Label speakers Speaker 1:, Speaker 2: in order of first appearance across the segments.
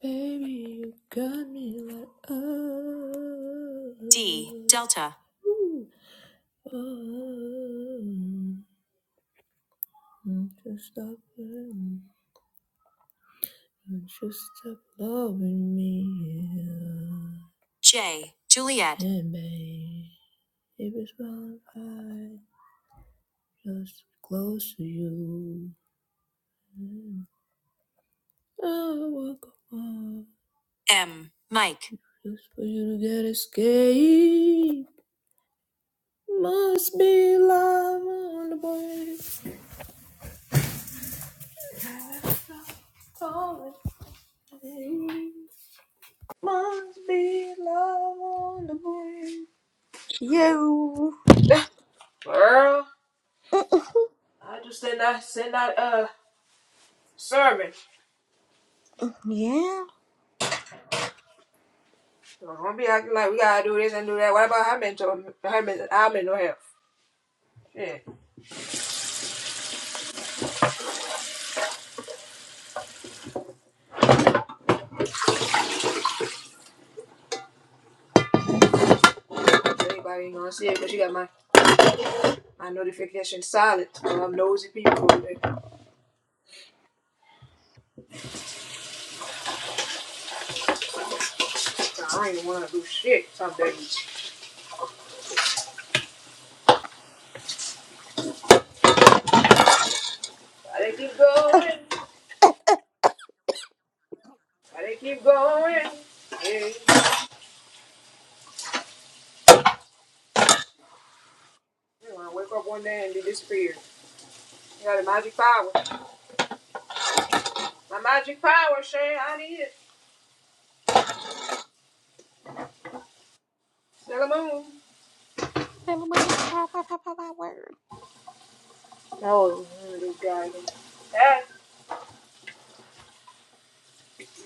Speaker 1: Baby, you got me like oh. D Delta. Ooh, Oh, won't you stop loving? Won't you stop loving me? J Juliet. And baby, if it's wrong, I just close to you. Oh, walk on. M Mike. Just for you to get escape. Must be love on the boys. All the way. Must be love on the boys.
Speaker 2: Yo,
Speaker 1: Girl, I just send that send that uh sermon.
Speaker 2: yeah.
Speaker 1: So don't be acting like we gotta do this and do that. What about her mental her mental our mental health? Yeah. Anybody ain't gonna see it because she got my my notification silent. So I'm nosy people over there. So I ain't wanna do shit some days. Why they keep going? Why they keep going? Yeah. You know, I wake up one day and be disappeared. You got a magic power. My magic power, Shay. I need it. Sailor Moon.
Speaker 2: Sailor Moon and Papa, Papa, Papa, word.
Speaker 1: Oh, Little dragon. That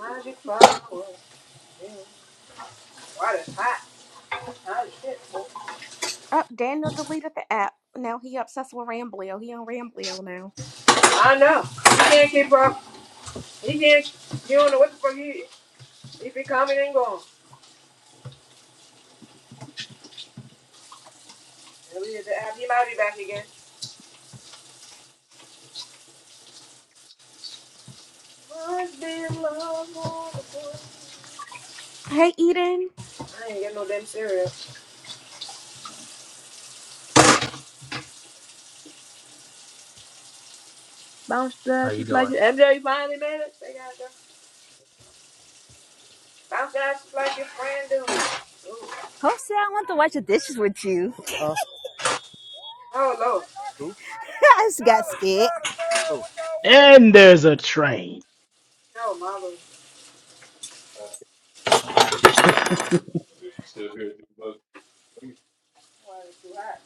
Speaker 1: magic power. Why the hot?
Speaker 2: Up, Daniel deleted the app. Now he obsessed with Ramblio. He on Ramblio now.
Speaker 1: I know. He can't keep up. He can't. He don't know what the fuck he is. If he coming and going. Maybe He might be back again. Must be in love all the time.
Speaker 2: Hey, Eden,
Speaker 1: I ain't get no damn cereal. Bounce
Speaker 3: How
Speaker 1: back
Speaker 3: you
Speaker 1: just like
Speaker 3: doing?
Speaker 1: you. MJ, you finally made it. They got you. Bounce back just like your friend do. Ooh.
Speaker 4: Jose, I want to wash the dishes with you.
Speaker 1: Oh, Lord.
Speaker 4: I just got scared.
Speaker 3: And there's a train. It's
Speaker 1: Oh, mama. Why it's too hot.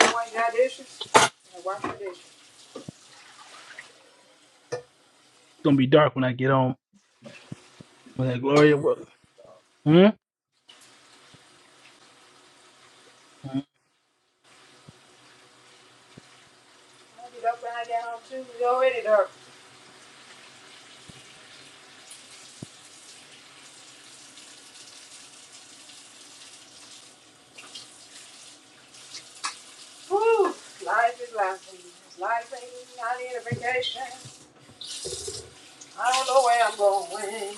Speaker 1: I washed got dishes. I wash the dishes.
Speaker 3: gonna be dark when I get home. When that Gloria? What? Hmm? Hmm?
Speaker 1: I get up when I get home too. It's already dark. Whew. Life is life. Life ain't not in a vacation. I don't know where I'm going.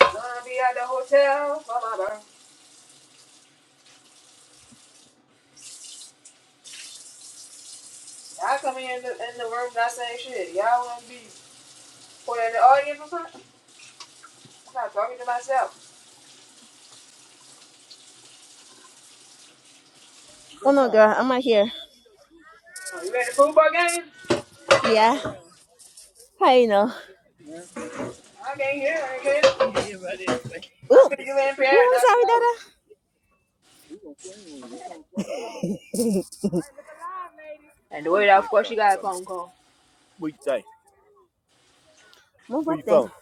Speaker 1: Gonna be at the hotel for my birthday. I come in the, in the room not saying shit. Y'all wanna be put in the audience or something? I'm not talking to myself.
Speaker 4: Oh no, girl, I'm right here.
Speaker 1: Oh, you ready for football game?
Speaker 4: Yeah. How you know?
Speaker 1: I can't hear. I can't. I'm
Speaker 4: Ooh.
Speaker 1: gonna do it in Paris,
Speaker 4: Ooh, I'm
Speaker 1: not
Speaker 4: sorry,
Speaker 1: slow.
Speaker 4: Dada.
Speaker 1: And the way that was, she got a phone call.
Speaker 4: Move up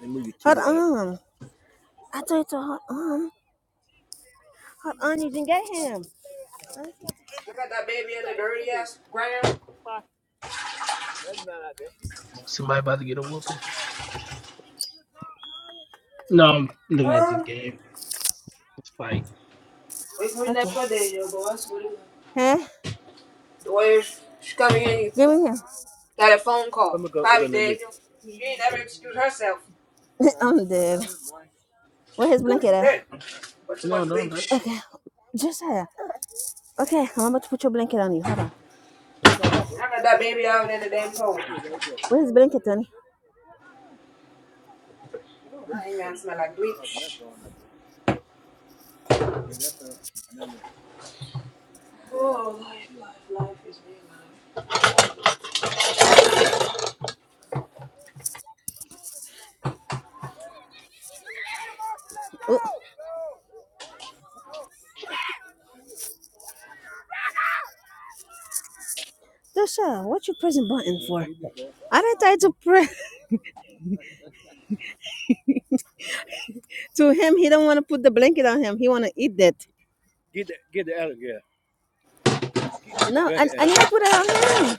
Speaker 4: there. Hold on. I told you to hold on. Hold on, you didn't get him.
Speaker 1: I got that baby in the dirty ass ground.
Speaker 3: Somebody about to get a whooping? No, I'm looking at this
Speaker 1: Uh,
Speaker 3: game. This fight.
Speaker 1: we can read that
Speaker 4: Okay.
Speaker 1: for Daniel, boss. That's what is it?
Speaker 4: Huh?
Speaker 1: The way she's coming in,
Speaker 4: Give me him.
Speaker 1: got a phone call. Probably Daniel. She ain't never excuse herself.
Speaker 4: I'm dead. Where's his
Speaker 1: Oh,
Speaker 4: blanket at?
Speaker 1: shit. But too
Speaker 3: No,
Speaker 1: much
Speaker 3: no, no.
Speaker 1: bleach.
Speaker 4: Okay. Josiah. Okay, I'm about to put your blanket on you. Hold on.
Speaker 3: Thank you.
Speaker 1: I got that baby out in the damn cold.
Speaker 4: Where's his blanket, Tony?
Speaker 1: Ooh, I ain't gonna smell like bleach. Oh, life, life, life is real life.
Speaker 4: Oh, Josiah, what you pressing button for? I didn't try to press. to him, he don't want to put the blanket on him. He want to eat that. You know, I, I need to put it on him.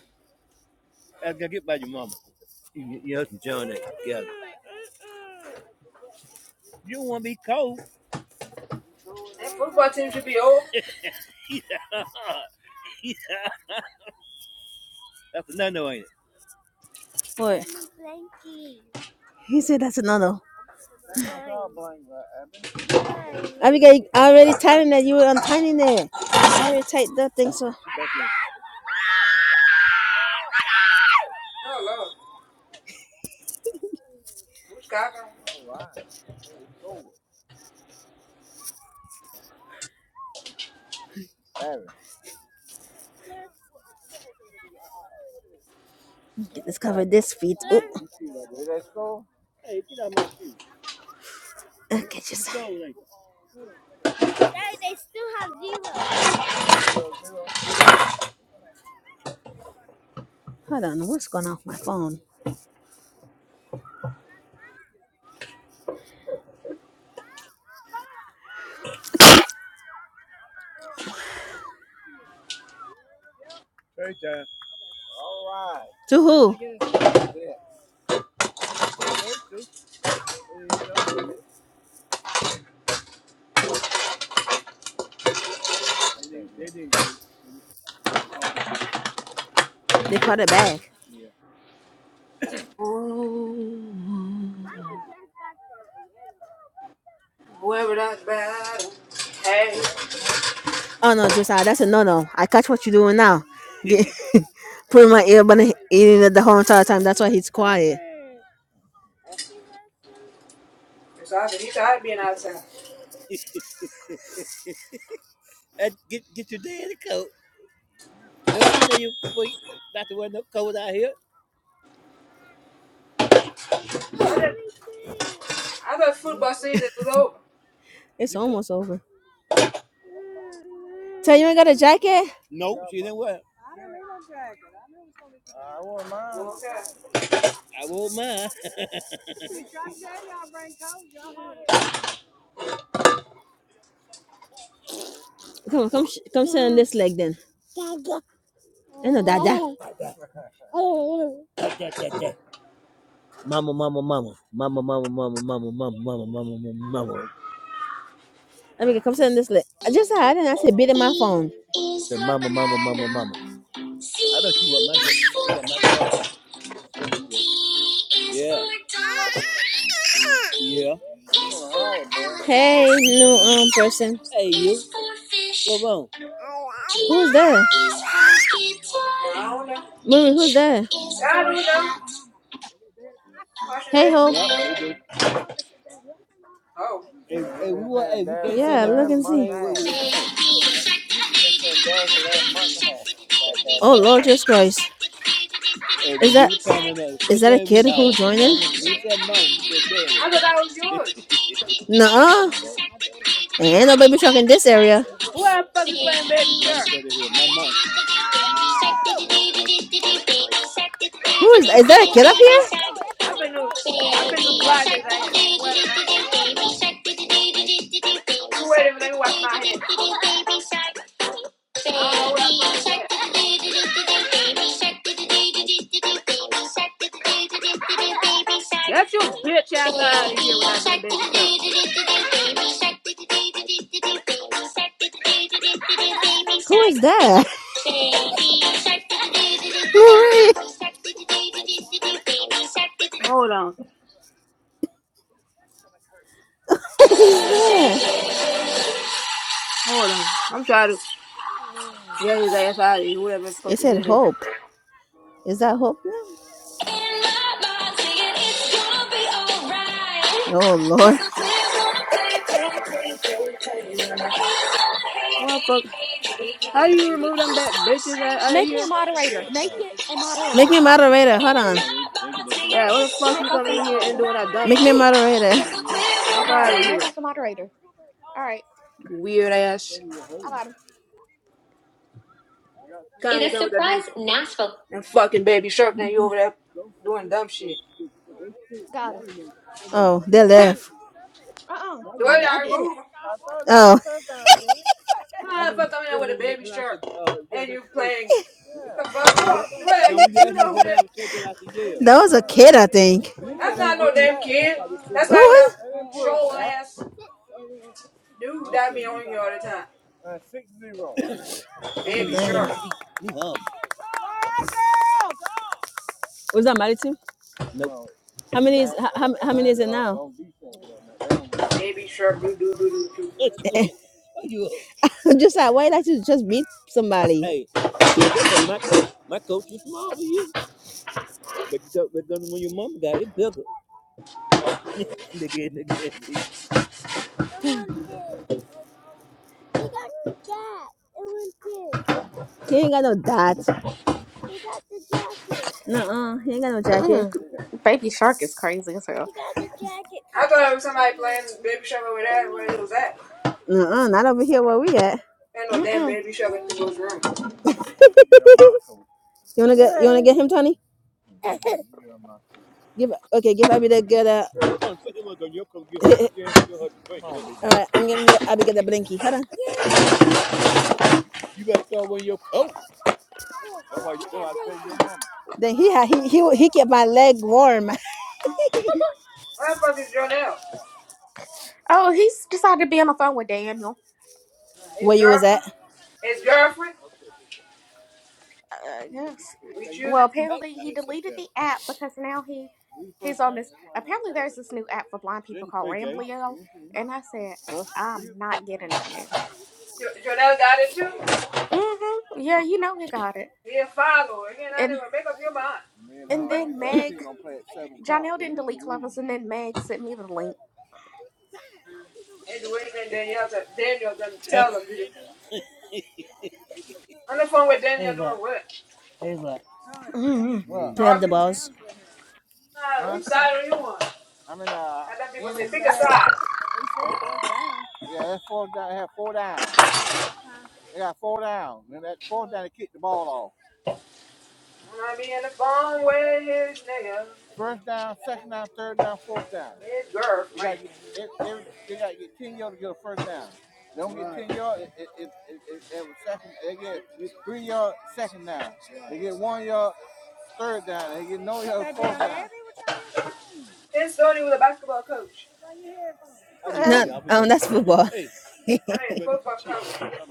Speaker 1: That football team should be over.
Speaker 4: Boy, he said that's a no-no. Abigail, I already tying that. You were untying it. I already tied that thing, so
Speaker 1: Oh, Lord. Who's got her?
Speaker 4: let's cover this feet. Oh, catch just hold on. What's going on with my phone? To who? They called it back.
Speaker 1: Whoever that's bad. Hey,
Speaker 4: Oh no, Josiah, that's a no-no. I catch what you're doing now. Putting my earbud in it the whole entire time. That's why he's quiet.
Speaker 1: it's awesome. He's tired of being outside. I, did, I thought football season was over.
Speaker 4: It's almost over. Tell you ain't got a jacket?
Speaker 1: Walked out.
Speaker 4: Come on, come, sh- come sit on this leg then. I know, that that. mama, mama, mama, mama, mama, mama, mama, mama, mama, mama, mama. I mean, come sit on this leg. I just had and I said, beat in my
Speaker 5: B
Speaker 4: phone.
Speaker 5: is
Speaker 4: Said
Speaker 5: for
Speaker 4: mama, mama, mama, mama.
Speaker 5: banana. C
Speaker 4: I thought you want my gla-
Speaker 5: is for
Speaker 4: you want my glasses.
Speaker 5: cat.
Speaker 4: Oh, you
Speaker 5: D
Speaker 4: want?
Speaker 5: is
Speaker 4: Yeah,
Speaker 5: for dog. E
Speaker 4: yeah,
Speaker 5: is for
Speaker 4: Hey,
Speaker 5: elephant.
Speaker 4: new um person.
Speaker 5: F is for fish.
Speaker 4: Who's
Speaker 5: G
Speaker 4: there?
Speaker 5: is for
Speaker 1: I
Speaker 5: guitar.
Speaker 1: don't know.
Speaker 4: Murray, who's
Speaker 5: H
Speaker 4: there?
Speaker 1: Yeah,
Speaker 5: is
Speaker 1: I
Speaker 5: for
Speaker 1: don't know. Washing
Speaker 4: Hey,
Speaker 1: dishes.
Speaker 4: Hope. yep.
Speaker 5: hat.
Speaker 4: They do.
Speaker 1: Oh.
Speaker 4: Yeah, nothing look and see. thing
Speaker 5: Baby shark, baby shark, baby shark, baby shark, baby shark. Baby
Speaker 4: Oh,
Speaker 5: shark,
Speaker 4: Lord Jesus
Speaker 5: baby shark,
Speaker 4: Christ.
Speaker 5: baby
Speaker 4: Hey, Is when we that we look at is that a kid who joining? corner,
Speaker 1: I thought that was yours.
Speaker 4: Nuh-uh.
Speaker 5: shark, baby
Speaker 4: Ain't no
Speaker 5: shark,
Speaker 4: baby shark in
Speaker 5: baby
Speaker 4: this
Speaker 5: shark.
Speaker 4: area.
Speaker 1: Who the fuck is
Speaker 5: Baby shark,
Speaker 1: playing Baby
Speaker 5: baby
Speaker 1: Shark?
Speaker 5: shark, baby shark, baby shark. Baby shark, baby shark,
Speaker 4: Who is
Speaker 5: baby shark,
Speaker 4: that? Is that a
Speaker 5: baby
Speaker 4: kid up here?
Speaker 5: shark.
Speaker 1: I've been to
Speaker 5: Baby
Speaker 1: I've been to block
Speaker 5: shark,
Speaker 1: his ass. Whoever that is.
Speaker 5: baby
Speaker 1: You wait a minute, wash my hands. I don't know who that fuck is that.
Speaker 5: shark, baby shark,
Speaker 1: Get your
Speaker 5: baby shark.
Speaker 1: bitch ass
Speaker 5: Baby
Speaker 1: out of here with that damn
Speaker 5: shark do
Speaker 1: baby shark.
Speaker 5: do do do do do baby shark do do do do do do baby shark do do do do do do baby
Speaker 4: Who
Speaker 5: shark
Speaker 4: is that?
Speaker 5: baby shark do do do
Speaker 4: Marie,
Speaker 5: do do do baby shark do do do do do do baby shark do do
Speaker 1: Hold on.
Speaker 4: who is that?
Speaker 1: Hold on. I'm trying to get his ass out of here, whatever the fuck
Speaker 4: It said
Speaker 1: it is.
Speaker 4: Hope. Is that Hope now?
Speaker 5: in my mind singing it's gonna be alright.
Speaker 4: Oh,
Speaker 5: 'Cause
Speaker 4: Lord.
Speaker 5: the players wanna play, play, play, play, play. And the haters gonna hate,
Speaker 1: What the
Speaker 5: hate,
Speaker 1: fuck?
Speaker 5: hate, hate,
Speaker 1: How do
Speaker 5: hate,
Speaker 1: you
Speaker 5: baby.
Speaker 1: remove
Speaker 5: I'm
Speaker 1: them
Speaker 5: just
Speaker 1: bad
Speaker 5: gonna
Speaker 1: bitches out,
Speaker 5: shake,
Speaker 1: out of
Speaker 2: make
Speaker 5: shake,
Speaker 2: me a
Speaker 1: here?
Speaker 2: moderator.
Speaker 5: shake,
Speaker 2: Make it
Speaker 5: shake,
Speaker 2: a
Speaker 5: shake.
Speaker 4: Make me
Speaker 2: moderator.
Speaker 4: a moderator. Hold
Speaker 5: In my
Speaker 4: on.
Speaker 5: mind, singing,
Speaker 1: Yeah, what the
Speaker 5: it's
Speaker 1: fuck
Speaker 2: Make
Speaker 1: you
Speaker 2: us
Speaker 1: come
Speaker 2: a
Speaker 1: in
Speaker 5: gonna be
Speaker 1: here and
Speaker 2: moderator.
Speaker 5: alright.
Speaker 1: doing that dumb
Speaker 4: Make me a
Speaker 1: shit?
Speaker 4: moderator.
Speaker 1: Fuck
Speaker 5: Lord
Speaker 1: out of
Speaker 2: Right, make
Speaker 1: here.
Speaker 2: us a moderator. All right,
Speaker 1: Weird ass.
Speaker 2: I got him.
Speaker 1: Come here, come with that damn and fucking baby shark. Now you over there doing dumb shit.
Speaker 2: Got him.
Speaker 4: Oh, they left.
Speaker 2: Uh-uh,
Speaker 1: The
Speaker 2: I,
Speaker 1: way
Speaker 2: got- I
Speaker 1: I
Speaker 2: did it.
Speaker 1: remove him.
Speaker 4: Oh.
Speaker 1: Ah, fuck coming out with a baby shark and you playing the fuck up. The way that you, you know who that?
Speaker 4: That was a kid, I think.
Speaker 1: That's not no
Speaker 2: Mhm.
Speaker 1: damn kid. That's
Speaker 4: Who
Speaker 1: not even
Speaker 4: was?
Speaker 1: that troll ass dude that be on here all the time. Baby
Speaker 4: Dang.
Speaker 1: shark,
Speaker 4: Was that married to? Nope. How many is how, how many is it now?
Speaker 1: baby shark, do do do do do.
Speaker 4: just like why not you just meet somebody? Hey, He ain't got no dots. Nuh-uh. He ain't got no jacket.
Speaker 2: Ugh. Baby Shark is crazy as hell.
Speaker 1: I thought it was somebody playing baby shark over there where it was at.
Speaker 4: Nuh-uh. Not over here where we at.
Speaker 1: Ain't no damn
Speaker 2: Mm-mm.
Speaker 1: baby shark in people's room.
Speaker 4: You wanna get you wanna get him, Tony? Give okay, give Abby that good uh Tony, put him on your coat, give her give her the drink. All right, I'm giving Abby get the blinky. Hold on. Then he had he he he kept my leg warm.
Speaker 1: Where the fuck is Jonell?
Speaker 2: Oh, he's decided to be on the phone with Daniel.
Speaker 1: His
Speaker 4: where you was at?
Speaker 1: girlfriend. His girlfriend.
Speaker 2: I guess.
Speaker 1: We choose
Speaker 2: Well, apparently he deleted the app because now he he's on this. Apparently, there's this new app for blind people called Ramblio, and I said I'm not getting on there.
Speaker 1: Janelle got it too.
Speaker 2: Mm-hmm. Yeah, you know he got it.
Speaker 1: He a follower. He and I
Speaker 2: And
Speaker 1: never make up your mind.
Speaker 2: and
Speaker 1: What?
Speaker 2: then Meg, Jonelle didn't delete Clubhouse, and then Meg sent me the link.
Speaker 1: They do anything Danielle to, Daniel does tell them to do. On the phone with Daniel doing what?
Speaker 2: Mhm.
Speaker 4: Wow. Playing with the
Speaker 1: Talking?
Speaker 4: balls.
Speaker 1: Nah, which side are you on? I let people say, pick a side. When I be on the phone with his nigga, his girlfriend. His story was a basketball coach.
Speaker 2: Ugh.
Speaker 4: No, um, that's football.
Speaker 1: I mean, football coach.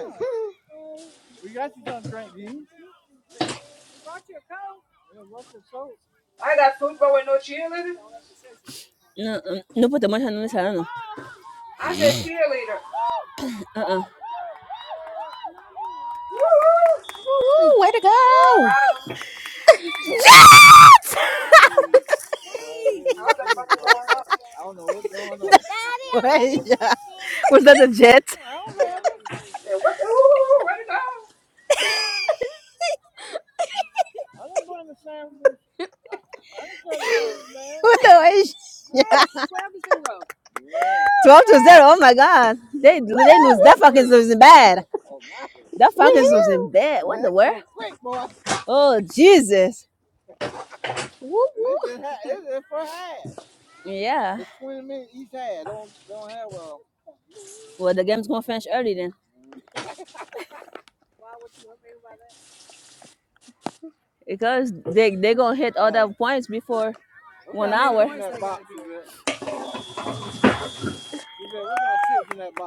Speaker 2: Mhm.
Speaker 1: I got football with no cheerleader.
Speaker 4: No, um, no put the much on this. I don't know.
Speaker 1: I said cheerleader.
Speaker 4: Uh
Speaker 2: Woo, way to
Speaker 1: I
Speaker 2: go!
Speaker 1: hollered. Now, What the fuck is going on? I
Speaker 4: uh. Was that a jet?
Speaker 1: said, what the, who, where to
Speaker 4: What the way? 12 to 0. Oh my God. They they lose. That fucking losing bad. That
Speaker 2: Woo,
Speaker 4: fucking losing
Speaker 2: woo,
Speaker 4: bad. What the word? Great boy. Oh, Jesus.
Speaker 2: woo, woo.
Speaker 4: Yeah. Well, the game's going to finish early then. Because they they going to hit all the points before one hour.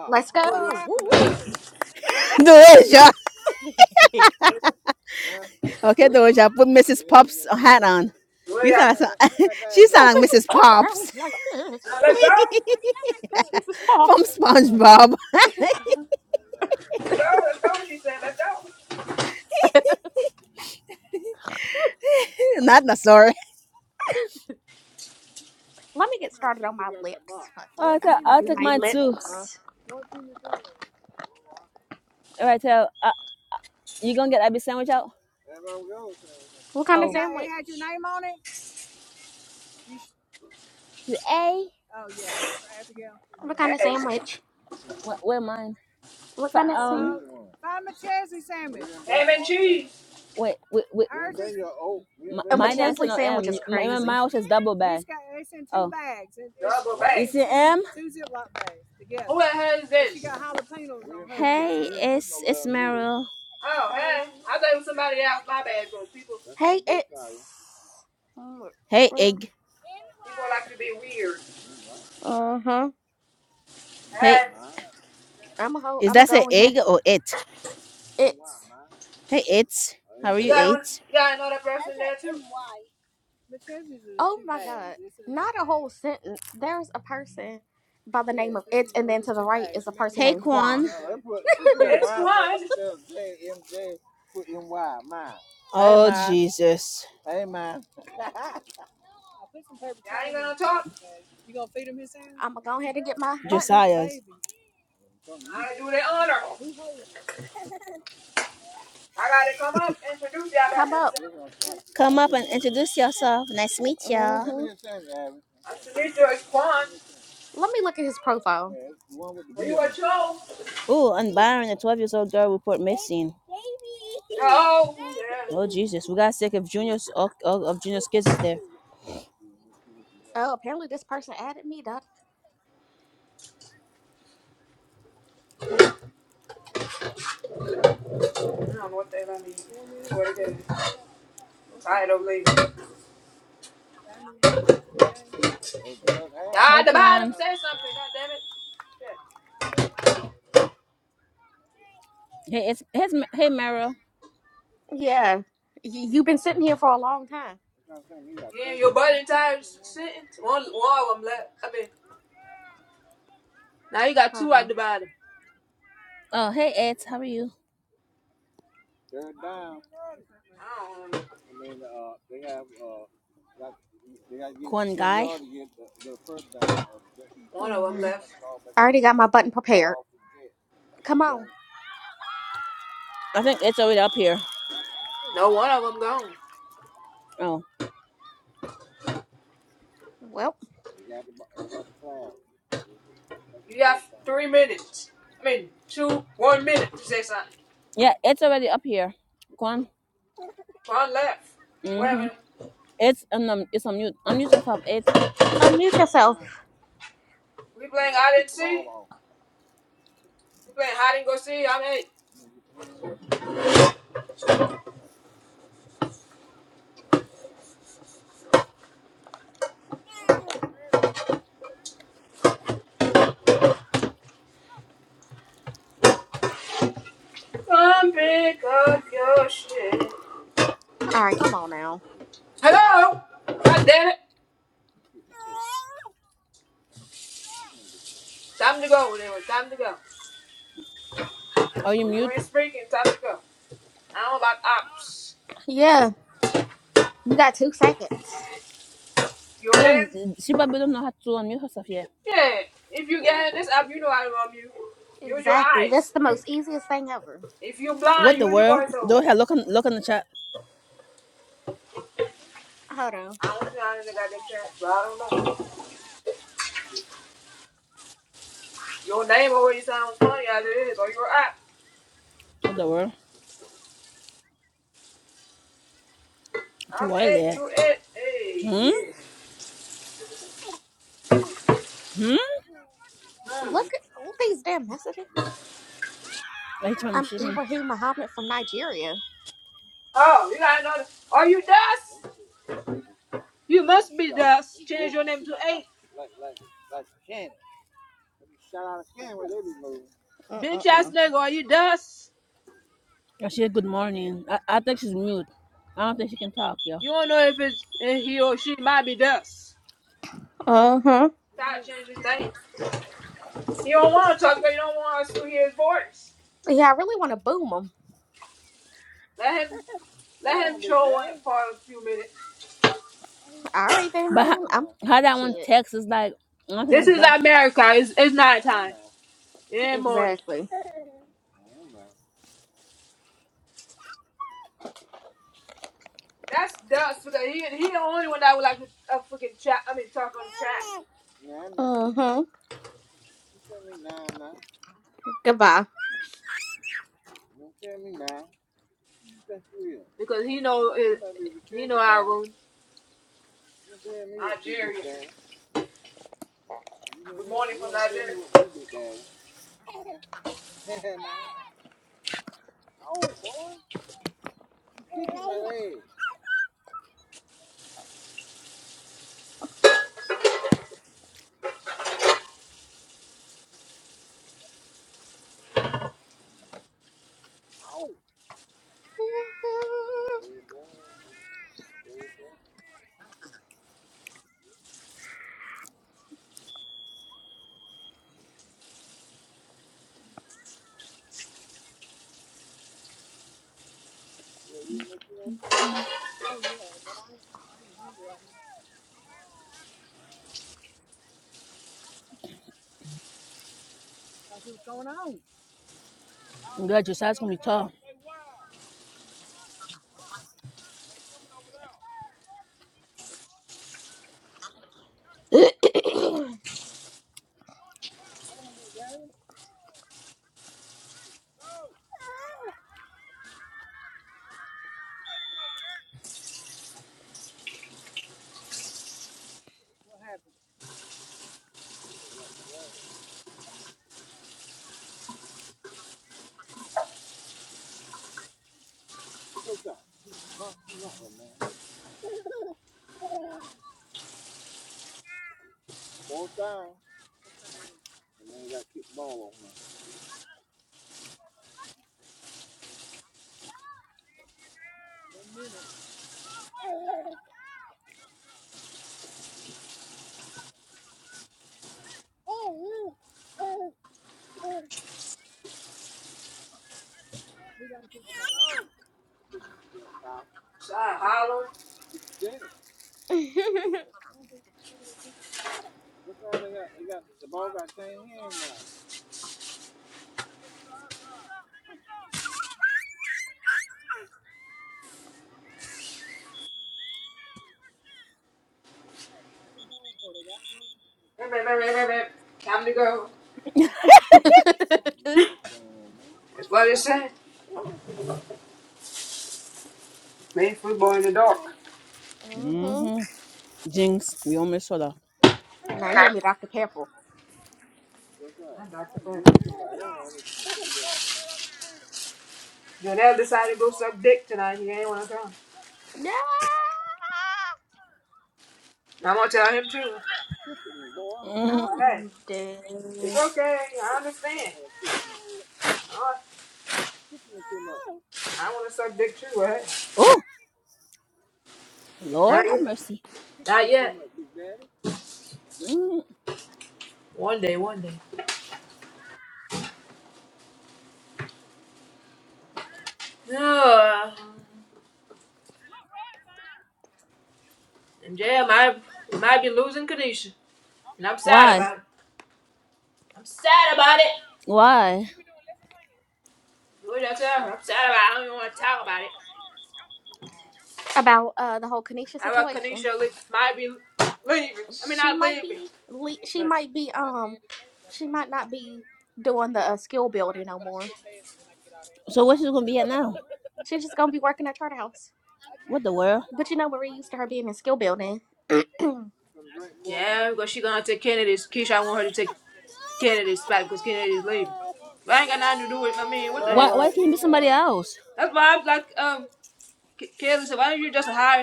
Speaker 2: Let's go! Woo, woo.
Speaker 4: Doja.
Speaker 2: no
Speaker 4: Okay, Doja, put Mrs. Pops hat on.
Speaker 1: go? Where
Speaker 4: You
Speaker 1: y'all
Speaker 4: sound like some- she sound like
Speaker 2: business
Speaker 4: Mrs.
Speaker 2: puff
Speaker 4: Pops
Speaker 2: sounds like this.
Speaker 1: Let's go.
Speaker 2: That's Mrs.
Speaker 4: from
Speaker 2: Puff.
Speaker 4: SpongeBob.
Speaker 1: Let's go. Let's go. She said, let's go.
Speaker 4: Not the story.
Speaker 2: Let me get started on my lips. Fuck it.
Speaker 4: Oh, I
Speaker 2: I'm
Speaker 4: tell,
Speaker 2: gonna
Speaker 4: I'll
Speaker 2: do
Speaker 4: take
Speaker 2: my
Speaker 4: mine too.
Speaker 2: lips.
Speaker 4: All right, tell, uh, you gonna get Abby sandwich out?
Speaker 2: What kind of
Speaker 4: Oh,
Speaker 2: sandwich?
Speaker 4: the A.
Speaker 2: What kind of
Speaker 1: Hey,
Speaker 2: sandwich?
Speaker 4: What? Where mine?
Speaker 2: What
Speaker 4: For, um.
Speaker 2: kind of sandwich?
Speaker 1: ham and cheese.
Speaker 4: Wait. Wait. Wait. My,
Speaker 2: A
Speaker 4: mine answer
Speaker 2: McChesley
Speaker 4: no
Speaker 2: sandwich
Speaker 4: M.
Speaker 2: is
Speaker 4: My, my
Speaker 2: crazy.
Speaker 4: mine was just double bag. Oh,
Speaker 1: Double back.
Speaker 4: it's an M.
Speaker 1: Who the hell is this?
Speaker 4: Hey, it's it's Meryl.
Speaker 1: Oh, hey. I thought it was somebody else. My bad, bro. People,
Speaker 2: Hey, it's. Uh
Speaker 4: Hey, egg.
Speaker 1: people like to be weird.
Speaker 2: huh.
Speaker 4: Hey,
Speaker 1: Hey,
Speaker 2: I'm a ho.
Speaker 4: is
Speaker 2: I'm gonna
Speaker 4: that an
Speaker 2: go ahead.
Speaker 4: egg or it?
Speaker 2: It's.
Speaker 4: Hey, it's. How are
Speaker 1: you
Speaker 4: you,
Speaker 1: got one?
Speaker 4: it?
Speaker 1: You got another person there too?
Speaker 2: Oh my god. Not a whole sentence. There's a person by the name of it's, and then to the right is a person
Speaker 4: Hey,
Speaker 2: named
Speaker 4: when
Speaker 2: Juan.
Speaker 1: It's Quan. Y'all ain't gonna talk.
Speaker 2: I'm gonna go ahead and get my button.
Speaker 1: I do the honor. I gotta come up and introduce y'all back
Speaker 2: Come up.
Speaker 1: themselves.
Speaker 2: Mm hmm.
Speaker 4: Kwan.
Speaker 1: Nice to meet you. It's Quan.
Speaker 2: Let me look at his profile.
Speaker 1: Are you a Joe?
Speaker 4: Oh, and Byron, a 12 years old girl, report missing.
Speaker 1: Joe.
Speaker 4: Oh
Speaker 1: Yeah.
Speaker 4: Jesus, we got sick of Junior's of, of of Junior's kisses there.
Speaker 2: Oh, apparently this person added me, Doc.
Speaker 1: I don't know what they let me. What it is. Tired of leaving. Ah,
Speaker 4: Hey
Speaker 1: the bottom,
Speaker 4: Tuan.
Speaker 1: say something. God damn it. Shit.
Speaker 4: Hey it's hey hey Mara.
Speaker 2: Yeah. Y- You've been sitting here for a long time.
Speaker 1: Yeah, your buddy entire s- sentence. One, one of them left. I mean, now you got
Speaker 2: Hold
Speaker 1: two at
Speaker 2: on.
Speaker 1: the bottom.
Speaker 4: Oh hey Ed, how are you?
Speaker 1: I don't know.
Speaker 4: Quan guy.
Speaker 1: One of them
Speaker 2: Mhm.
Speaker 1: left.
Speaker 2: I already got my button prepared. Come on.
Speaker 4: I think it's already up here.
Speaker 1: No, one of them gone.
Speaker 4: Oh
Speaker 2: Well,
Speaker 1: You got three minutes. I mean, two, one minute to say something.
Speaker 4: yeah, it's already up here. Quan.
Speaker 1: One left. Whatever.
Speaker 4: Mhm. It's um um, it's on mute. Unmute yourself. It.
Speaker 2: unmute yourself.
Speaker 1: We playing hide and see. We playing hide and go see. I'm eight. Come pick up your shit.
Speaker 2: All right, come on now.
Speaker 1: Hello. God damn it. Time to go. whatever. time to go.
Speaker 4: Are you
Speaker 1: You
Speaker 4: mute?
Speaker 1: ain't speaking. Time to go. I don't like ops.
Speaker 2: Yeah. You got two seconds.
Speaker 4: Hold on.
Speaker 1: Jordan,
Speaker 4: She probably don't know how to unmute herself. Yeah.
Speaker 1: yeah. If you get this app, you know I love you. Use your
Speaker 2: Exactly. That's
Speaker 1: eyes.
Speaker 2: the
Speaker 1: If you
Speaker 2: most easiest thing ever.
Speaker 1: if you blind,
Speaker 4: What the
Speaker 1: use your
Speaker 4: world?
Speaker 1: voice. So
Speaker 4: Go ahead. Look on look on the chat.
Speaker 2: Hold on.
Speaker 1: I don't know how to goddamn chat, but I don't know. Your name always sounds funny as it is, or your app.
Speaker 4: What the world?
Speaker 1: I'm it,
Speaker 4: Twilight.
Speaker 1: you it, hey,
Speaker 4: Hmm?
Speaker 1: yeah.
Speaker 4: Hmm?
Speaker 2: Look at all these damn messages.
Speaker 4: Wait on
Speaker 2: I'm
Speaker 4: she can
Speaker 2: Ibrahim Muhammad from Nigeria.
Speaker 1: Oh, you got another. Are you Dust? You must be Dust. Change your name to eight. Bitch ass
Speaker 2: Mm-mm-mm.
Speaker 1: nigga, are you Dust?
Speaker 4: oh, she said good morning. I, I think she's mute. I don't think she can talk, yo.
Speaker 1: You don't know if it's if he or she might be Dust.
Speaker 2: Uh-huh.
Speaker 1: Stop changing things. You don't want to talk, but you don't want us to hear his voice.
Speaker 2: Yeah, I really want to boom them.
Speaker 1: Let him. Let him chill for a few minutes.
Speaker 2: All right,
Speaker 4: But how,
Speaker 2: then. I'm...
Speaker 4: how that one
Speaker 2: Shit.
Speaker 4: text is like I don't think
Speaker 1: This
Speaker 4: that's
Speaker 1: is
Speaker 4: dust.
Speaker 1: America. It's, it's night time. It ain't morning.
Speaker 2: Exactly.
Speaker 1: That's dust because he he the only one that would like to uh, freaking chat. I mean talk on the chat
Speaker 2: Mm-hmm. Goodbye.
Speaker 1: because he know it, he know our room. Nigeria. Good morning from Nigeria.
Speaker 2: hmm
Speaker 1: Side hollering. Hey, man, man, man, man, man. Time to go. That's what it said. Made football in the dark.
Speaker 2: Now you owe me Dr. Pepper.
Speaker 1: I'm Dr. Pepper. Jonelle decided to go suck dick tonight. He ain't want to come.
Speaker 2: Yeah,
Speaker 1: I'm gonna tell him too. Well, hey,
Speaker 2: I'm dead.
Speaker 1: it's okay. I understand. I I want to suck dick too, right?
Speaker 4: Oh
Speaker 1: Not
Speaker 4: Lord have mercy.
Speaker 1: Yeah.
Speaker 4: Mm.
Speaker 1: One day, one day. Ugh. And Jay, I might, we might be losing Kanisha. And I'm sad
Speaker 4: Why?
Speaker 1: about it. I'm sad about it.
Speaker 4: Why?
Speaker 1: What did I tell her? I'm sad about it. I don't even want to talk about it.
Speaker 2: About uh the whole Kanisha
Speaker 1: I about
Speaker 2: situation.
Speaker 1: Kanisha li- might be leaving. I mean,
Speaker 2: She
Speaker 1: not
Speaker 2: might
Speaker 1: leaving.
Speaker 2: be le- she
Speaker 1: But
Speaker 2: might be um she might not be doing the uh, skill building no more.
Speaker 4: So where she's gonna be at now?
Speaker 2: She's just gonna be working at Charter House.
Speaker 4: What the world?
Speaker 2: But you know we're used to her being in skill building.
Speaker 4: Why why can't it be somebody else?
Speaker 1: that's maybe just a hire.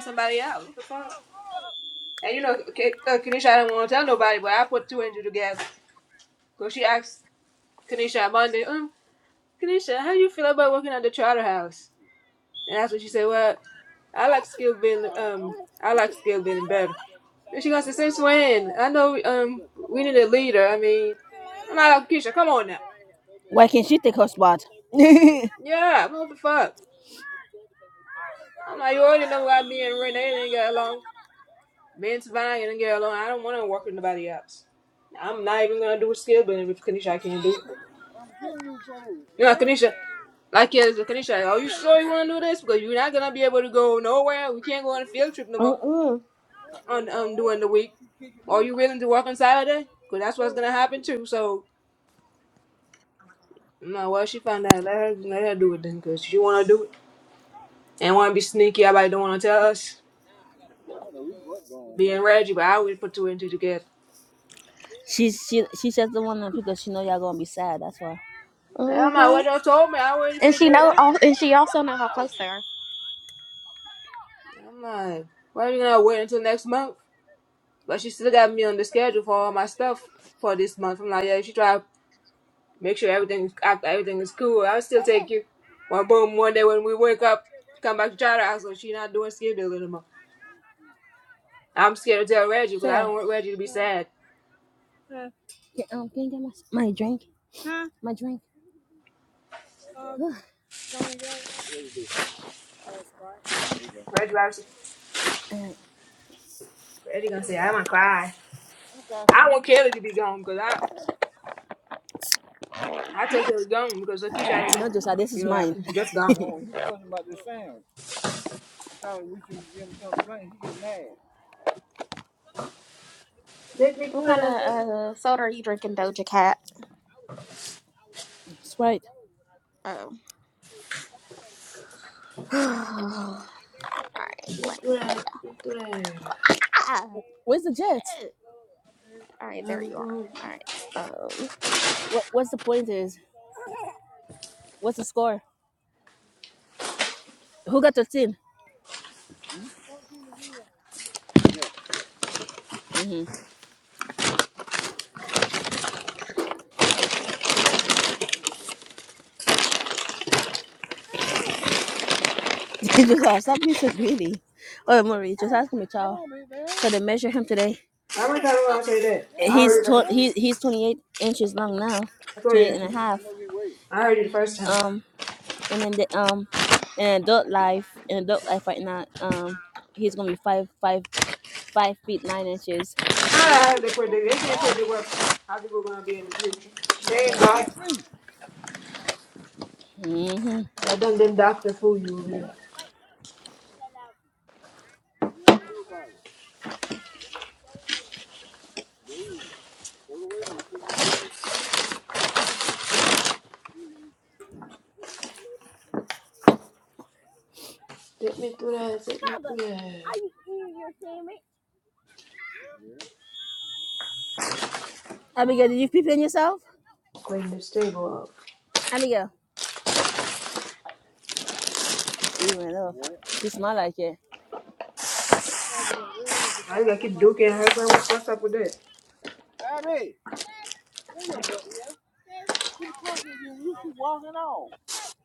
Speaker 1: And you know, K- uh, Kanisha, I don't want to tell nobody, but I put two into the gas. So she asked Kanisha on Monday, um, Kanisha, how do you feel about working at the Charter House? And that's when she said, Well, I like skill building um I like skill building better. And she goes, Since when? I know um we need a leader. I mean I'm not like Keisha, come on now.
Speaker 4: Why can't she take her spot?
Speaker 1: Yeah, what the fuck? I'm like, you already know why me and Renee didn't get along. Me and Savannah didn't get along. I don't wanna work with nobody else. I'm not even gonna do a skill building with Kanisha I can't do it. You know, Kanisha like yeah, so Kanisha, are you sure you wanna do this? Because you're not gonna be able to go nowhere. We can't go on a field trip no more
Speaker 2: Mm mm.
Speaker 1: on um during the week. Are you willing to work on Saturday? Cause that's what's gonna happen too. So no, well she found out. Let her let her do it then, cause she wanna do it and wanna be sneaky. Everybody don't wanna tell us. Being Reggie, but I would put two and two together.
Speaker 4: She's she she says the one because she know y'all gonna be sad, that's why.
Speaker 1: And I'm like,
Speaker 2: Mm-hmm.
Speaker 1: what y'all told me, I already
Speaker 2: And she
Speaker 1: figured it
Speaker 2: know
Speaker 1: out.
Speaker 2: all and she also know how close they are.
Speaker 1: I'm like, why are you gonna wait until next month? But she still got me on the schedule for all my stuff for this month. I'm like, yeah, she try to make sure everything after everything is cool. I'll still take you. Well, boom, one day when we wake up, come back to Charter House, so she not doing scheduling anymore. I'm scared to tell Reggie because I
Speaker 4: Tell.
Speaker 1: don't want Reggie to be sad.
Speaker 4: Can, um, can you get my, my drink? My drink. Ugh.
Speaker 1: Reggie, Reggie,
Speaker 4: Uh,
Speaker 1: Reggie gonna say, I'm gonna cry. I want Kelly to be gone because I, I tell Kelly gone because Lakeisha ain't gonna
Speaker 4: no, Josiah, this is
Speaker 1: be like,
Speaker 4: mine.
Speaker 1: just gone.
Speaker 2: What kind of uh, soda are you drinking, Doja Cat?
Speaker 4: Sprite.
Speaker 2: Oh. All right, let
Speaker 1: Do
Speaker 2: me.
Speaker 1: that, do that.
Speaker 2: Ah,
Speaker 4: Where's the Jets?
Speaker 2: shit. All right, there you are.
Speaker 1: How
Speaker 2: All right. Um.
Speaker 4: What What's the point? Is what's the score? Who got thirteen? Mm-hmm. just ask. Stop being so greedy. Oh, Marie, just ask me, child. So they measure him today.
Speaker 1: many times am I
Speaker 4: Uh,
Speaker 1: gonna say that? I
Speaker 4: he's
Speaker 1: heard it. like,
Speaker 4: tw- he, he's 28 inches long now,
Speaker 1: I told you.
Speaker 4: 28 and a
Speaker 1: that-
Speaker 4: half.
Speaker 1: I heard you the first time.
Speaker 4: Um, and then the um, in adult life, in adult life right now, um, he's gonna be five five five feet nine inches.
Speaker 1: I heard they put the, they can't put the work. How people gonna be in the future? They ain't God.
Speaker 4: Mm-hmm.
Speaker 1: I done them doctor fool you over there. Take me through that. Take me through that.
Speaker 4: Abigail, did you pee in yourself?
Speaker 1: Clean this table up.
Speaker 4: Abigail, she ran off. She smell like it.
Speaker 1: I gotta keep duking her. What's up with that?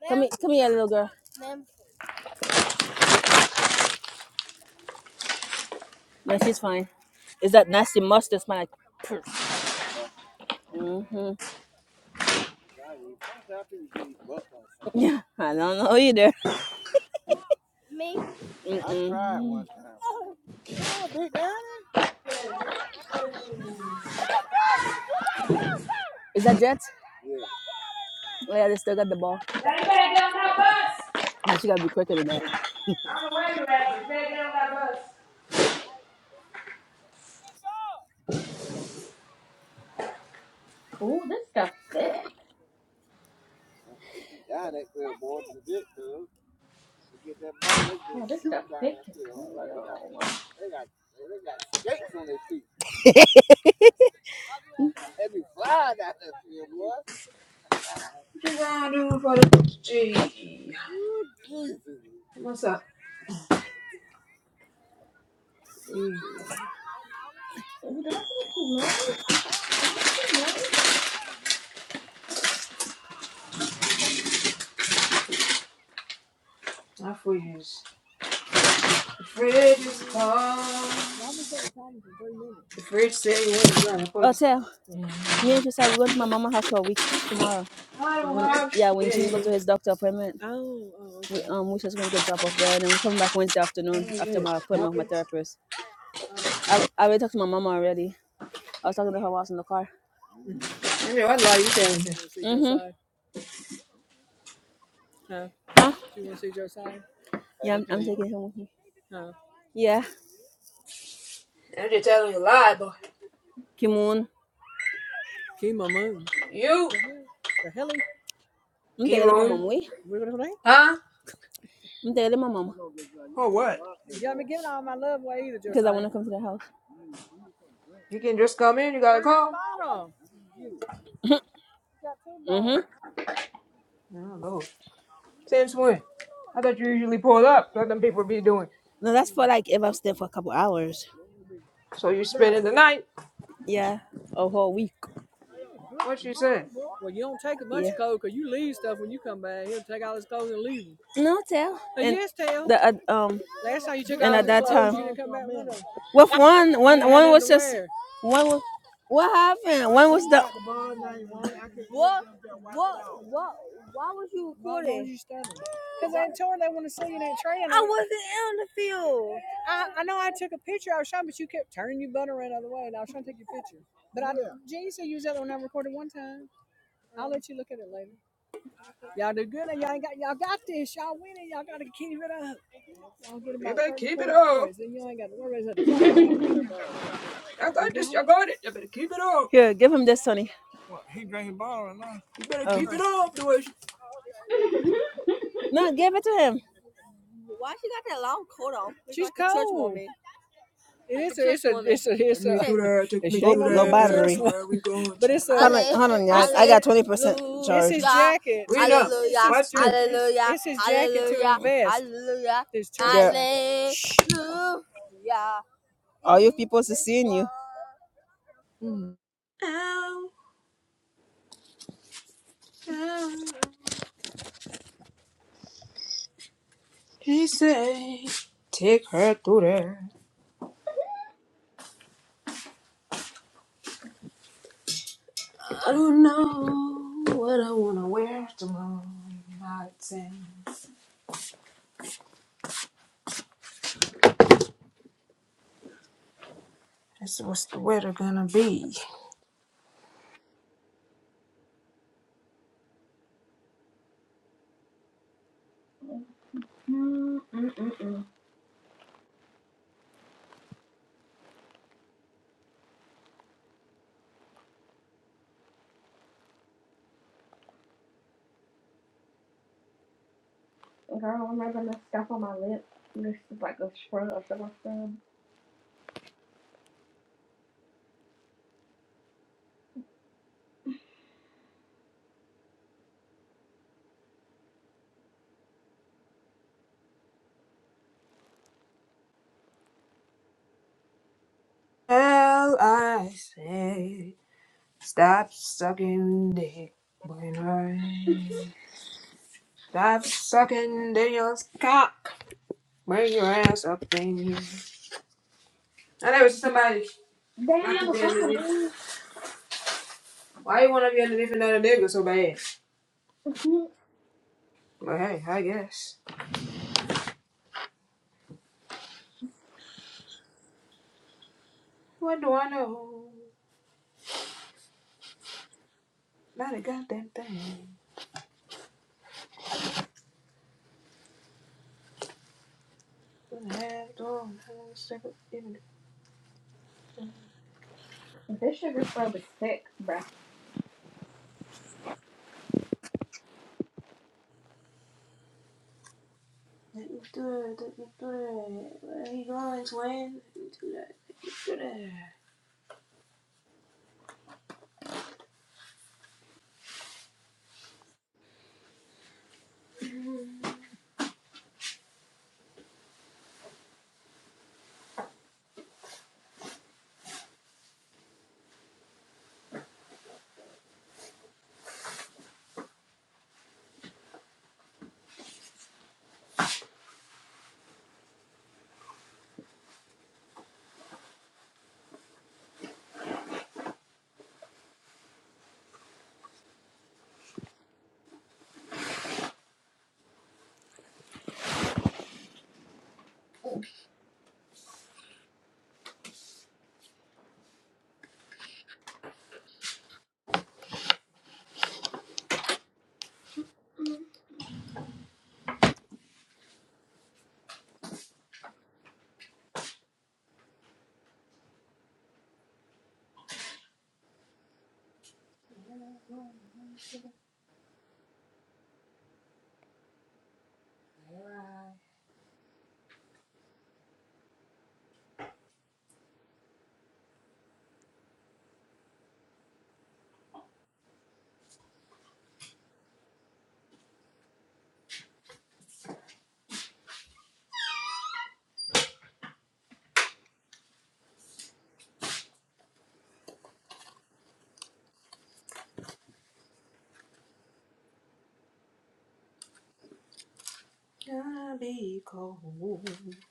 Speaker 4: Come here, come here, little girl. No, she's fine. Is that nasty mustard smell like poof? hmm Yeah, I don't know either. Mm-mm. Is that Jet? Oh yeah, they still got the ball.
Speaker 1: Now you better get on that bus.
Speaker 4: But you gotta be quicker than that.
Speaker 1: I don't know where you at, but you better get on that bus.
Speaker 2: Ooh, this stuff thick. Oh, this stuff thick as hell. Ooh, Did I get too much? Is this too
Speaker 1: Quiz. Fridge is cold. The fridge said he was trying to
Speaker 4: Oh, tell me and Trisha, we're going to my mama house for a week t- tomorrow. Tomorrow? When yeah, when Gene go to his doctor appointment, Oh. oh okay. we um we just gonna get dropped off there, and then we're coming back Wednesday afternoon after my appointment with my therapist. I I already talked to my mama already. I was talking to her while I was in the car.
Speaker 1: you. Hey, What lie you telling me?
Speaker 4: hmm Huh? Yeah, I'm, I'm taking him with me. Yeah, Kimoon.
Speaker 1: You
Speaker 4: I'm
Speaker 1: keep
Speaker 4: taking my
Speaker 1: moving.
Speaker 4: mama away.
Speaker 1: Huh?
Speaker 4: I'm taking my mama
Speaker 1: Or what?
Speaker 4: Jeremiah. because I want to come to the house.
Speaker 1: You can just come in, you got a call?
Speaker 4: Mm-hmm.
Speaker 1: I don't know. Since when? I thought you usually pull up, let them people be doing.
Speaker 4: No, that's for like if I'm staying for a couple hours.
Speaker 1: So you spending the night?
Speaker 4: Yeah, a whole week.
Speaker 1: What you say?
Speaker 4: No tell. the uh, um with one one, one, one was what happened? When was the what what why was you on the field.
Speaker 1: You better keep it up. I got this, I got it. You better keep it up.
Speaker 4: Here, give him this, Sonny.
Speaker 1: You better
Speaker 4: Oh
Speaker 1: keep it
Speaker 4: Right.
Speaker 1: up, Louis.
Speaker 4: no, give it to him.
Speaker 1: Take me to there, take me to there. Where we going, twin?
Speaker 4: huh,
Speaker 1: Rena, what's new?
Speaker 4: Hallelujah. Yeah. All you people knew.
Speaker 1: Ow, ow. He said, take her through there. I don't know what I wanna wear tomorrow night. And That's what's the weather gonna be.
Speaker 2: much? mm mm mm mm. Girl, I'm not gonna stuff on my lip. This is like a scrub, a sugar scrub.
Speaker 1: Hell, I say, stop sucking dick. When I stop sucking Daniel's cock, bring your ass up in here. I never see somebody
Speaker 2: Damn,
Speaker 1: not
Speaker 2: on
Speaker 1: to
Speaker 2: the
Speaker 1: be in the
Speaker 2: phone,
Speaker 1: beef.
Speaker 2: man.
Speaker 1: Why you wanna be in the beef and not a nigga so bad? But hey, I guess. What do I know? Not a goddamn thing. What the hell do I know? Circle- Let
Speaker 2: This sugar scrub is thick, bruh.
Speaker 1: me do it. Let me do it. Where are you going, twin? Let me do that. Let me do that.
Speaker 2: Mm.
Speaker 1: Gonna be cold. I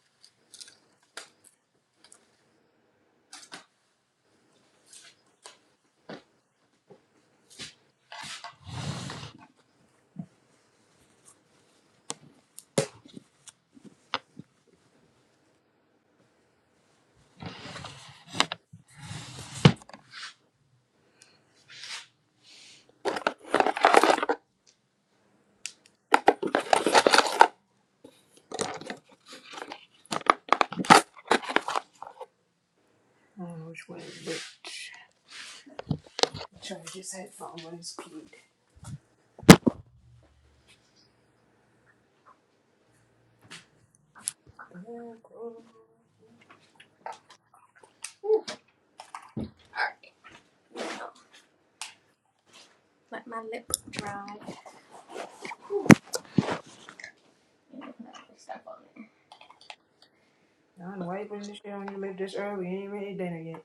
Speaker 1: don't know which way, but charge this headphone when it's plugged.
Speaker 2: And it can have this stuff on it.
Speaker 1: I don't know why you putting this shit on your lip this early. You ain't even ate dinner yet.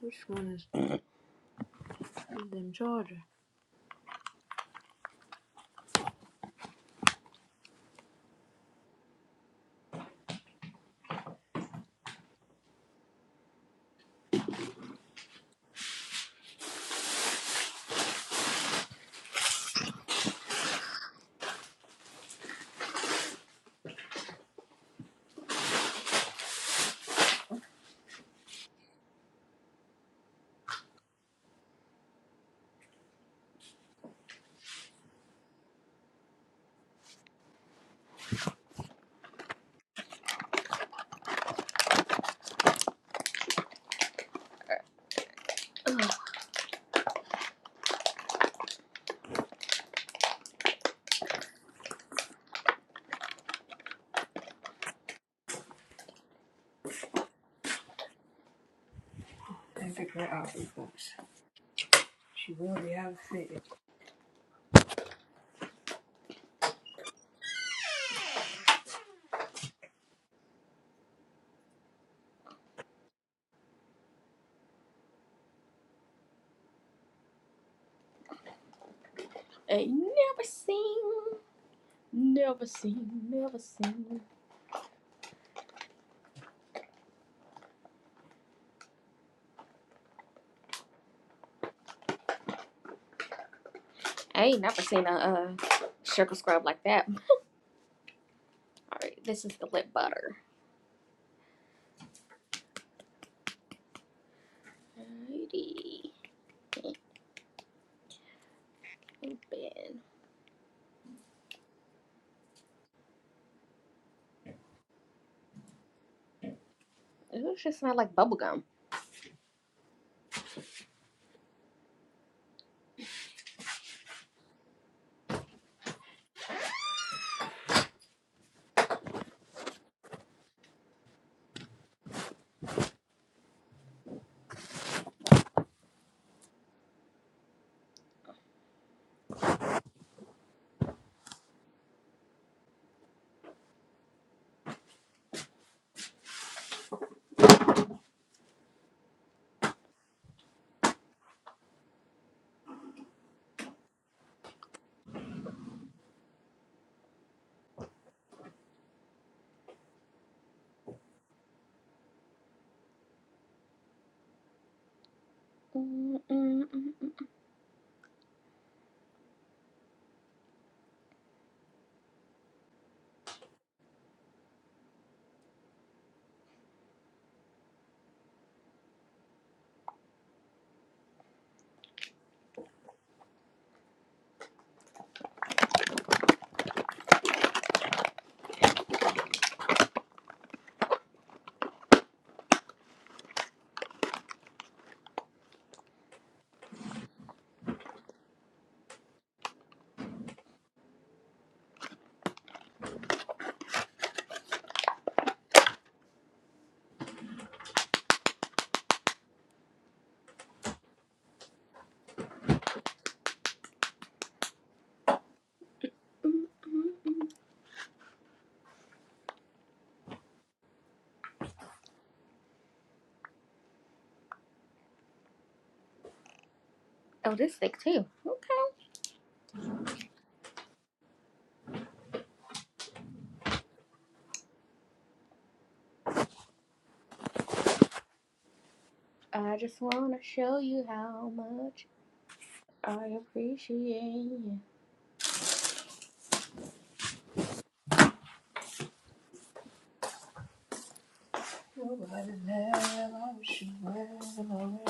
Speaker 1: Which one is them charged?
Speaker 2: Ugh. I never seen, never seen, never seen pretty Ben. Ooh, It just smell like bubblegum. mm mm mm. Oh, this thick too. Okay. I just wanna show you how much I appreciate you.
Speaker 1: I did have. I wish you well.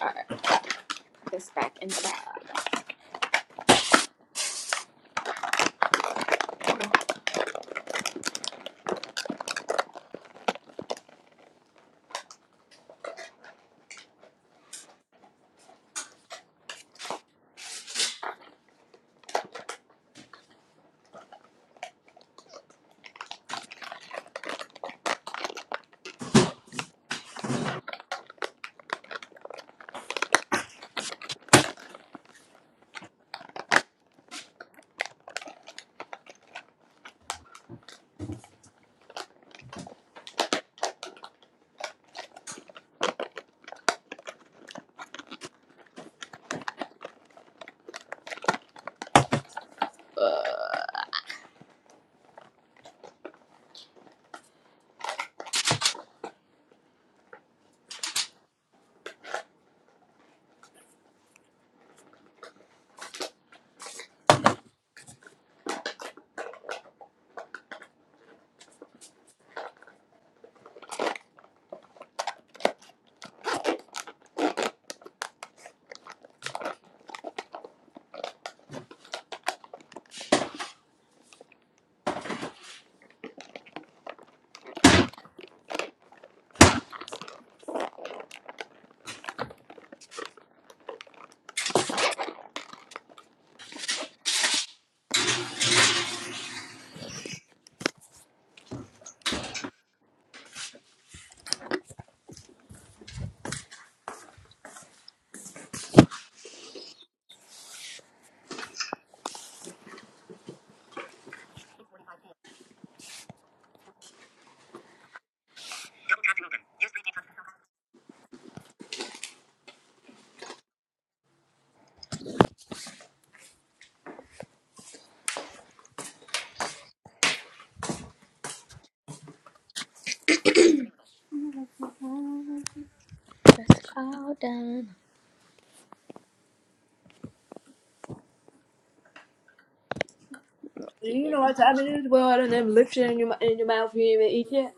Speaker 2: Alright, this back in the bag. Oh, okay,
Speaker 1: You know what time it is, Well, I don't them lips shit in your, in your mouth. You ain't even eat yet.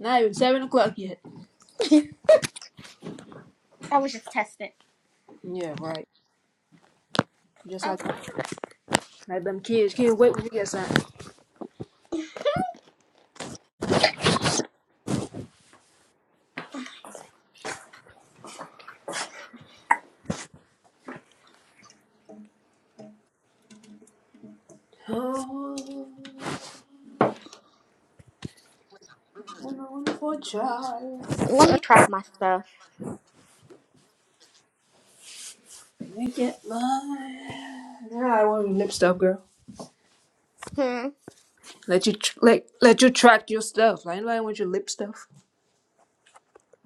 Speaker 1: Not even 7 o'clock yet.
Speaker 2: I was just testing.
Speaker 1: Yeah, right. Just like
Speaker 2: Okay.
Speaker 1: like them kids can't wait when you get signed. Oh, when I went for a wonderful child,
Speaker 2: Let me track my stuff.
Speaker 1: make it mine. Yeah, I want your lip stuff, girl.
Speaker 2: Hmm.
Speaker 1: Let you tr- like let you track your stuff. Like nobody want your lip stuff.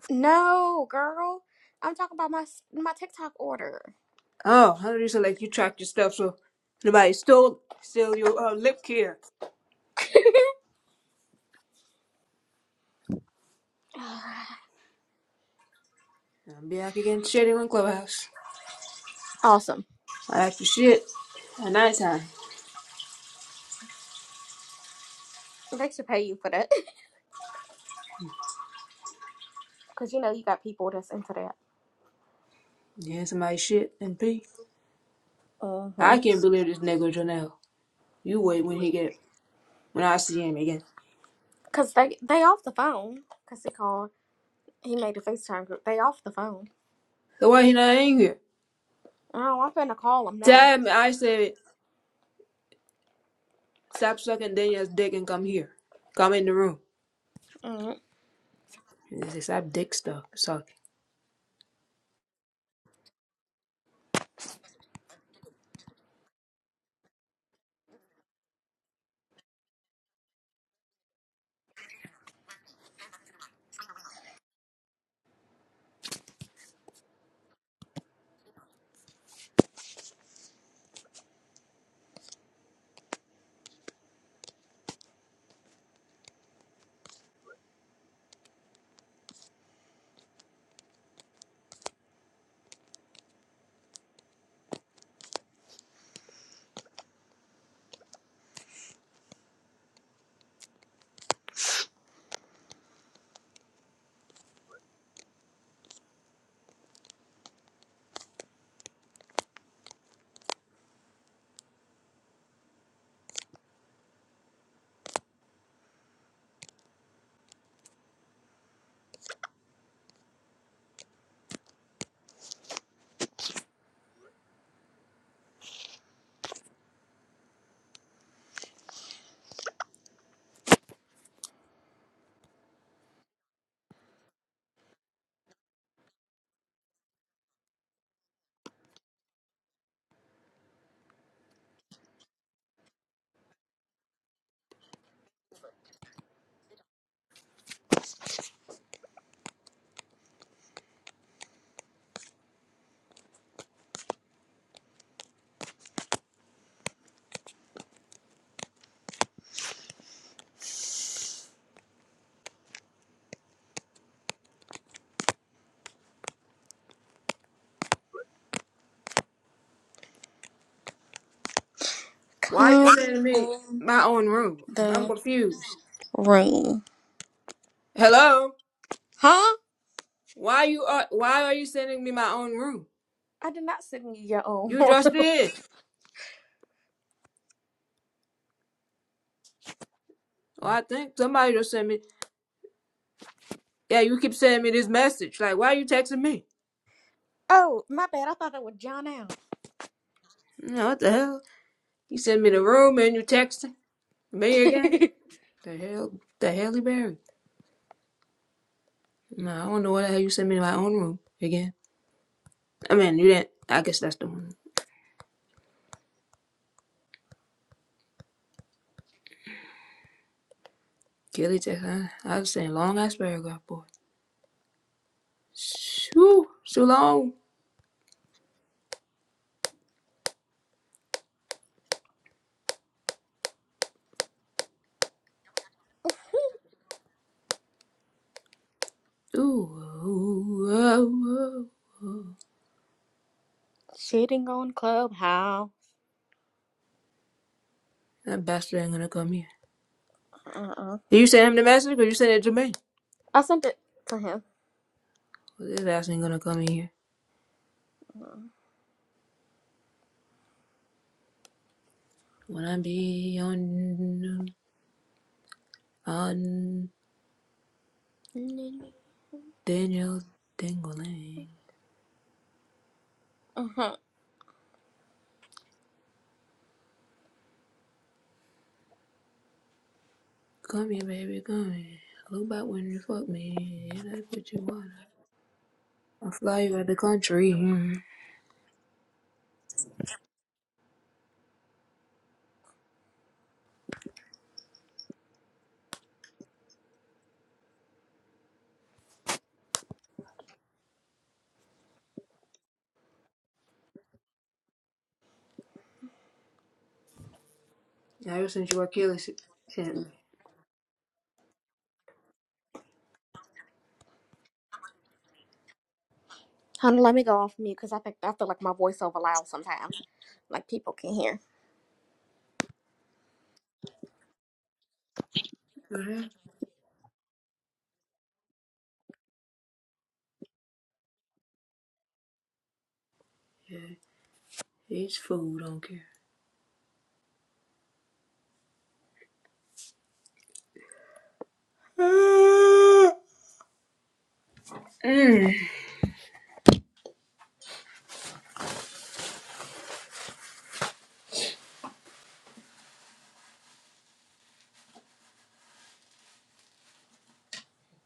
Speaker 2: No, girl. I'm talking about my my TikTok order.
Speaker 1: Oh, how do you say like you track your stuff so nobody stole steal your uh, lip care? I'm back again, shitty on clubhouse.
Speaker 2: awesome.
Speaker 1: I ask for shit.
Speaker 2: They should pay you for that. Cause you know you got people that's into that.
Speaker 1: Yeah, somebody shit and pee.
Speaker 2: Uh huh.
Speaker 1: I can't believe this nigga Janelle. You wait when he get when I see him again.
Speaker 2: Cause they they off the phone. Cause he called. He made a FaceTime group. They off the phone.
Speaker 1: So why he not in here?
Speaker 2: Oh, I'm finna call them now.
Speaker 1: Damn, I said. Stop sucking Daniel's dick and come here. Come in the room.
Speaker 2: Mm.
Speaker 1: And they say, Stop dick stuff sucking. Why are you
Speaker 2: Come
Speaker 1: sending me
Speaker 2: in the
Speaker 1: confused?
Speaker 2: room,
Speaker 1: Hello?
Speaker 2: huh?
Speaker 1: Why you are why are you sending me my own room?
Speaker 2: I did not send you your own.
Speaker 1: You just did. Oh, I think somebody just sent me Yeah, you keep sending me this message. Like why are you texting me?
Speaker 2: oh, my bad. I thought that was John out.
Speaker 1: No, what the hell? You send me the room and you texting me again? The hell the hell Berry? buried. No, I don't know why the hell you sent me to my own room again. I mean you didn't I guess that's the one. Kelly Texas, I, I was saying long ass paragraph boy. Shoo, so long, ooh, ooh, ooh.
Speaker 2: Shitting on Clubhouse.
Speaker 1: That bastard ain't gonna come here.
Speaker 2: Uh uh.
Speaker 1: Did you send him the message or you send it to me?
Speaker 2: I sent it to him.
Speaker 1: 'Cause This ass ain't gonna come in here. When I be on on Daniel Dingling.
Speaker 2: Uh-huh.
Speaker 1: Come here, baby, come here. Look back when you fuck me. That's what you want. I'll fly you out the country. I ever since you Achilles sent
Speaker 2: Honey, let me go off mute because I think I feel like my voice over loud sometimes. Like people can hear.
Speaker 1: me. Each fool don't care.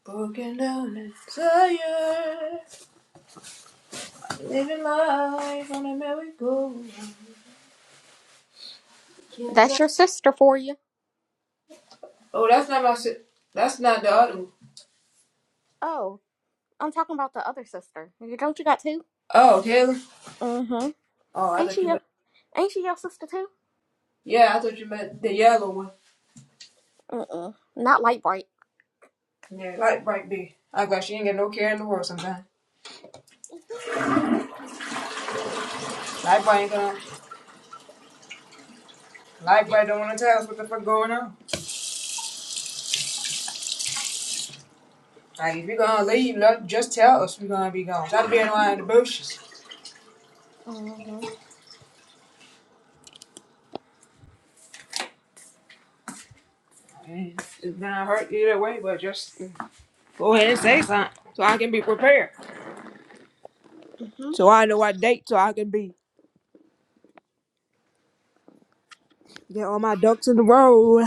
Speaker 1: Broken down and tired. Living life on a merry-go.
Speaker 2: That's your sister for you.
Speaker 1: Oh, that's not my. si- That's not the other. one.
Speaker 2: Oh, I'm talking about the other sister. You don't you got two?
Speaker 1: Oh, Taylor.
Speaker 2: Mm-hmm. Ain't she your ain't she your sister too?
Speaker 1: Yeah, I thought you meant the yellow one.
Speaker 2: Mm-mm. Not light bright.
Speaker 1: Yeah, light bright B. I got she ain't got no care in the world sometimes. Light bright ain't gonna. Light bright don't wanna tell us what the fuck going on. Like if you gonna leave, no, just tell us we gonna be gone. Stop being around the bushes.
Speaker 2: Mm-hmm.
Speaker 1: Go ahead and say something so I can be prepared.
Speaker 2: Mm-hmm.
Speaker 1: So I know what date so I can be. Get all my ducks in the row.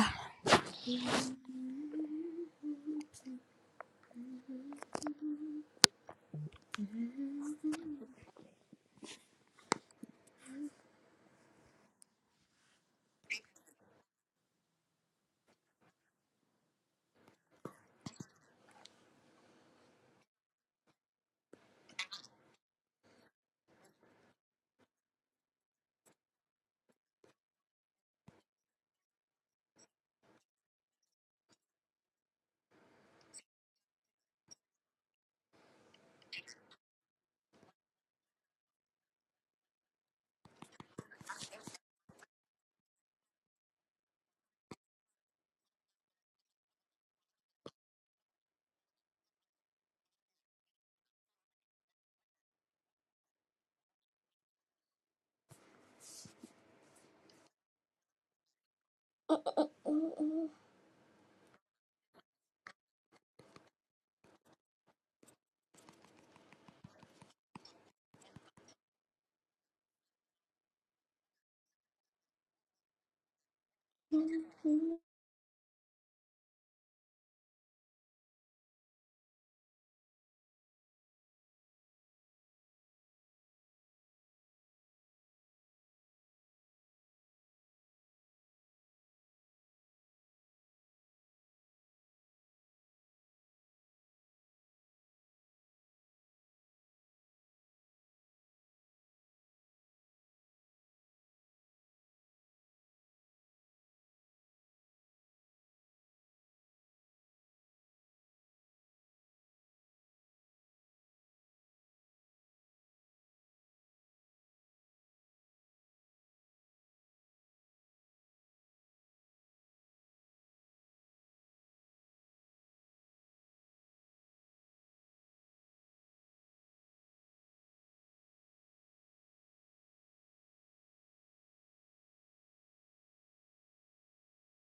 Speaker 2: Mm-hmm.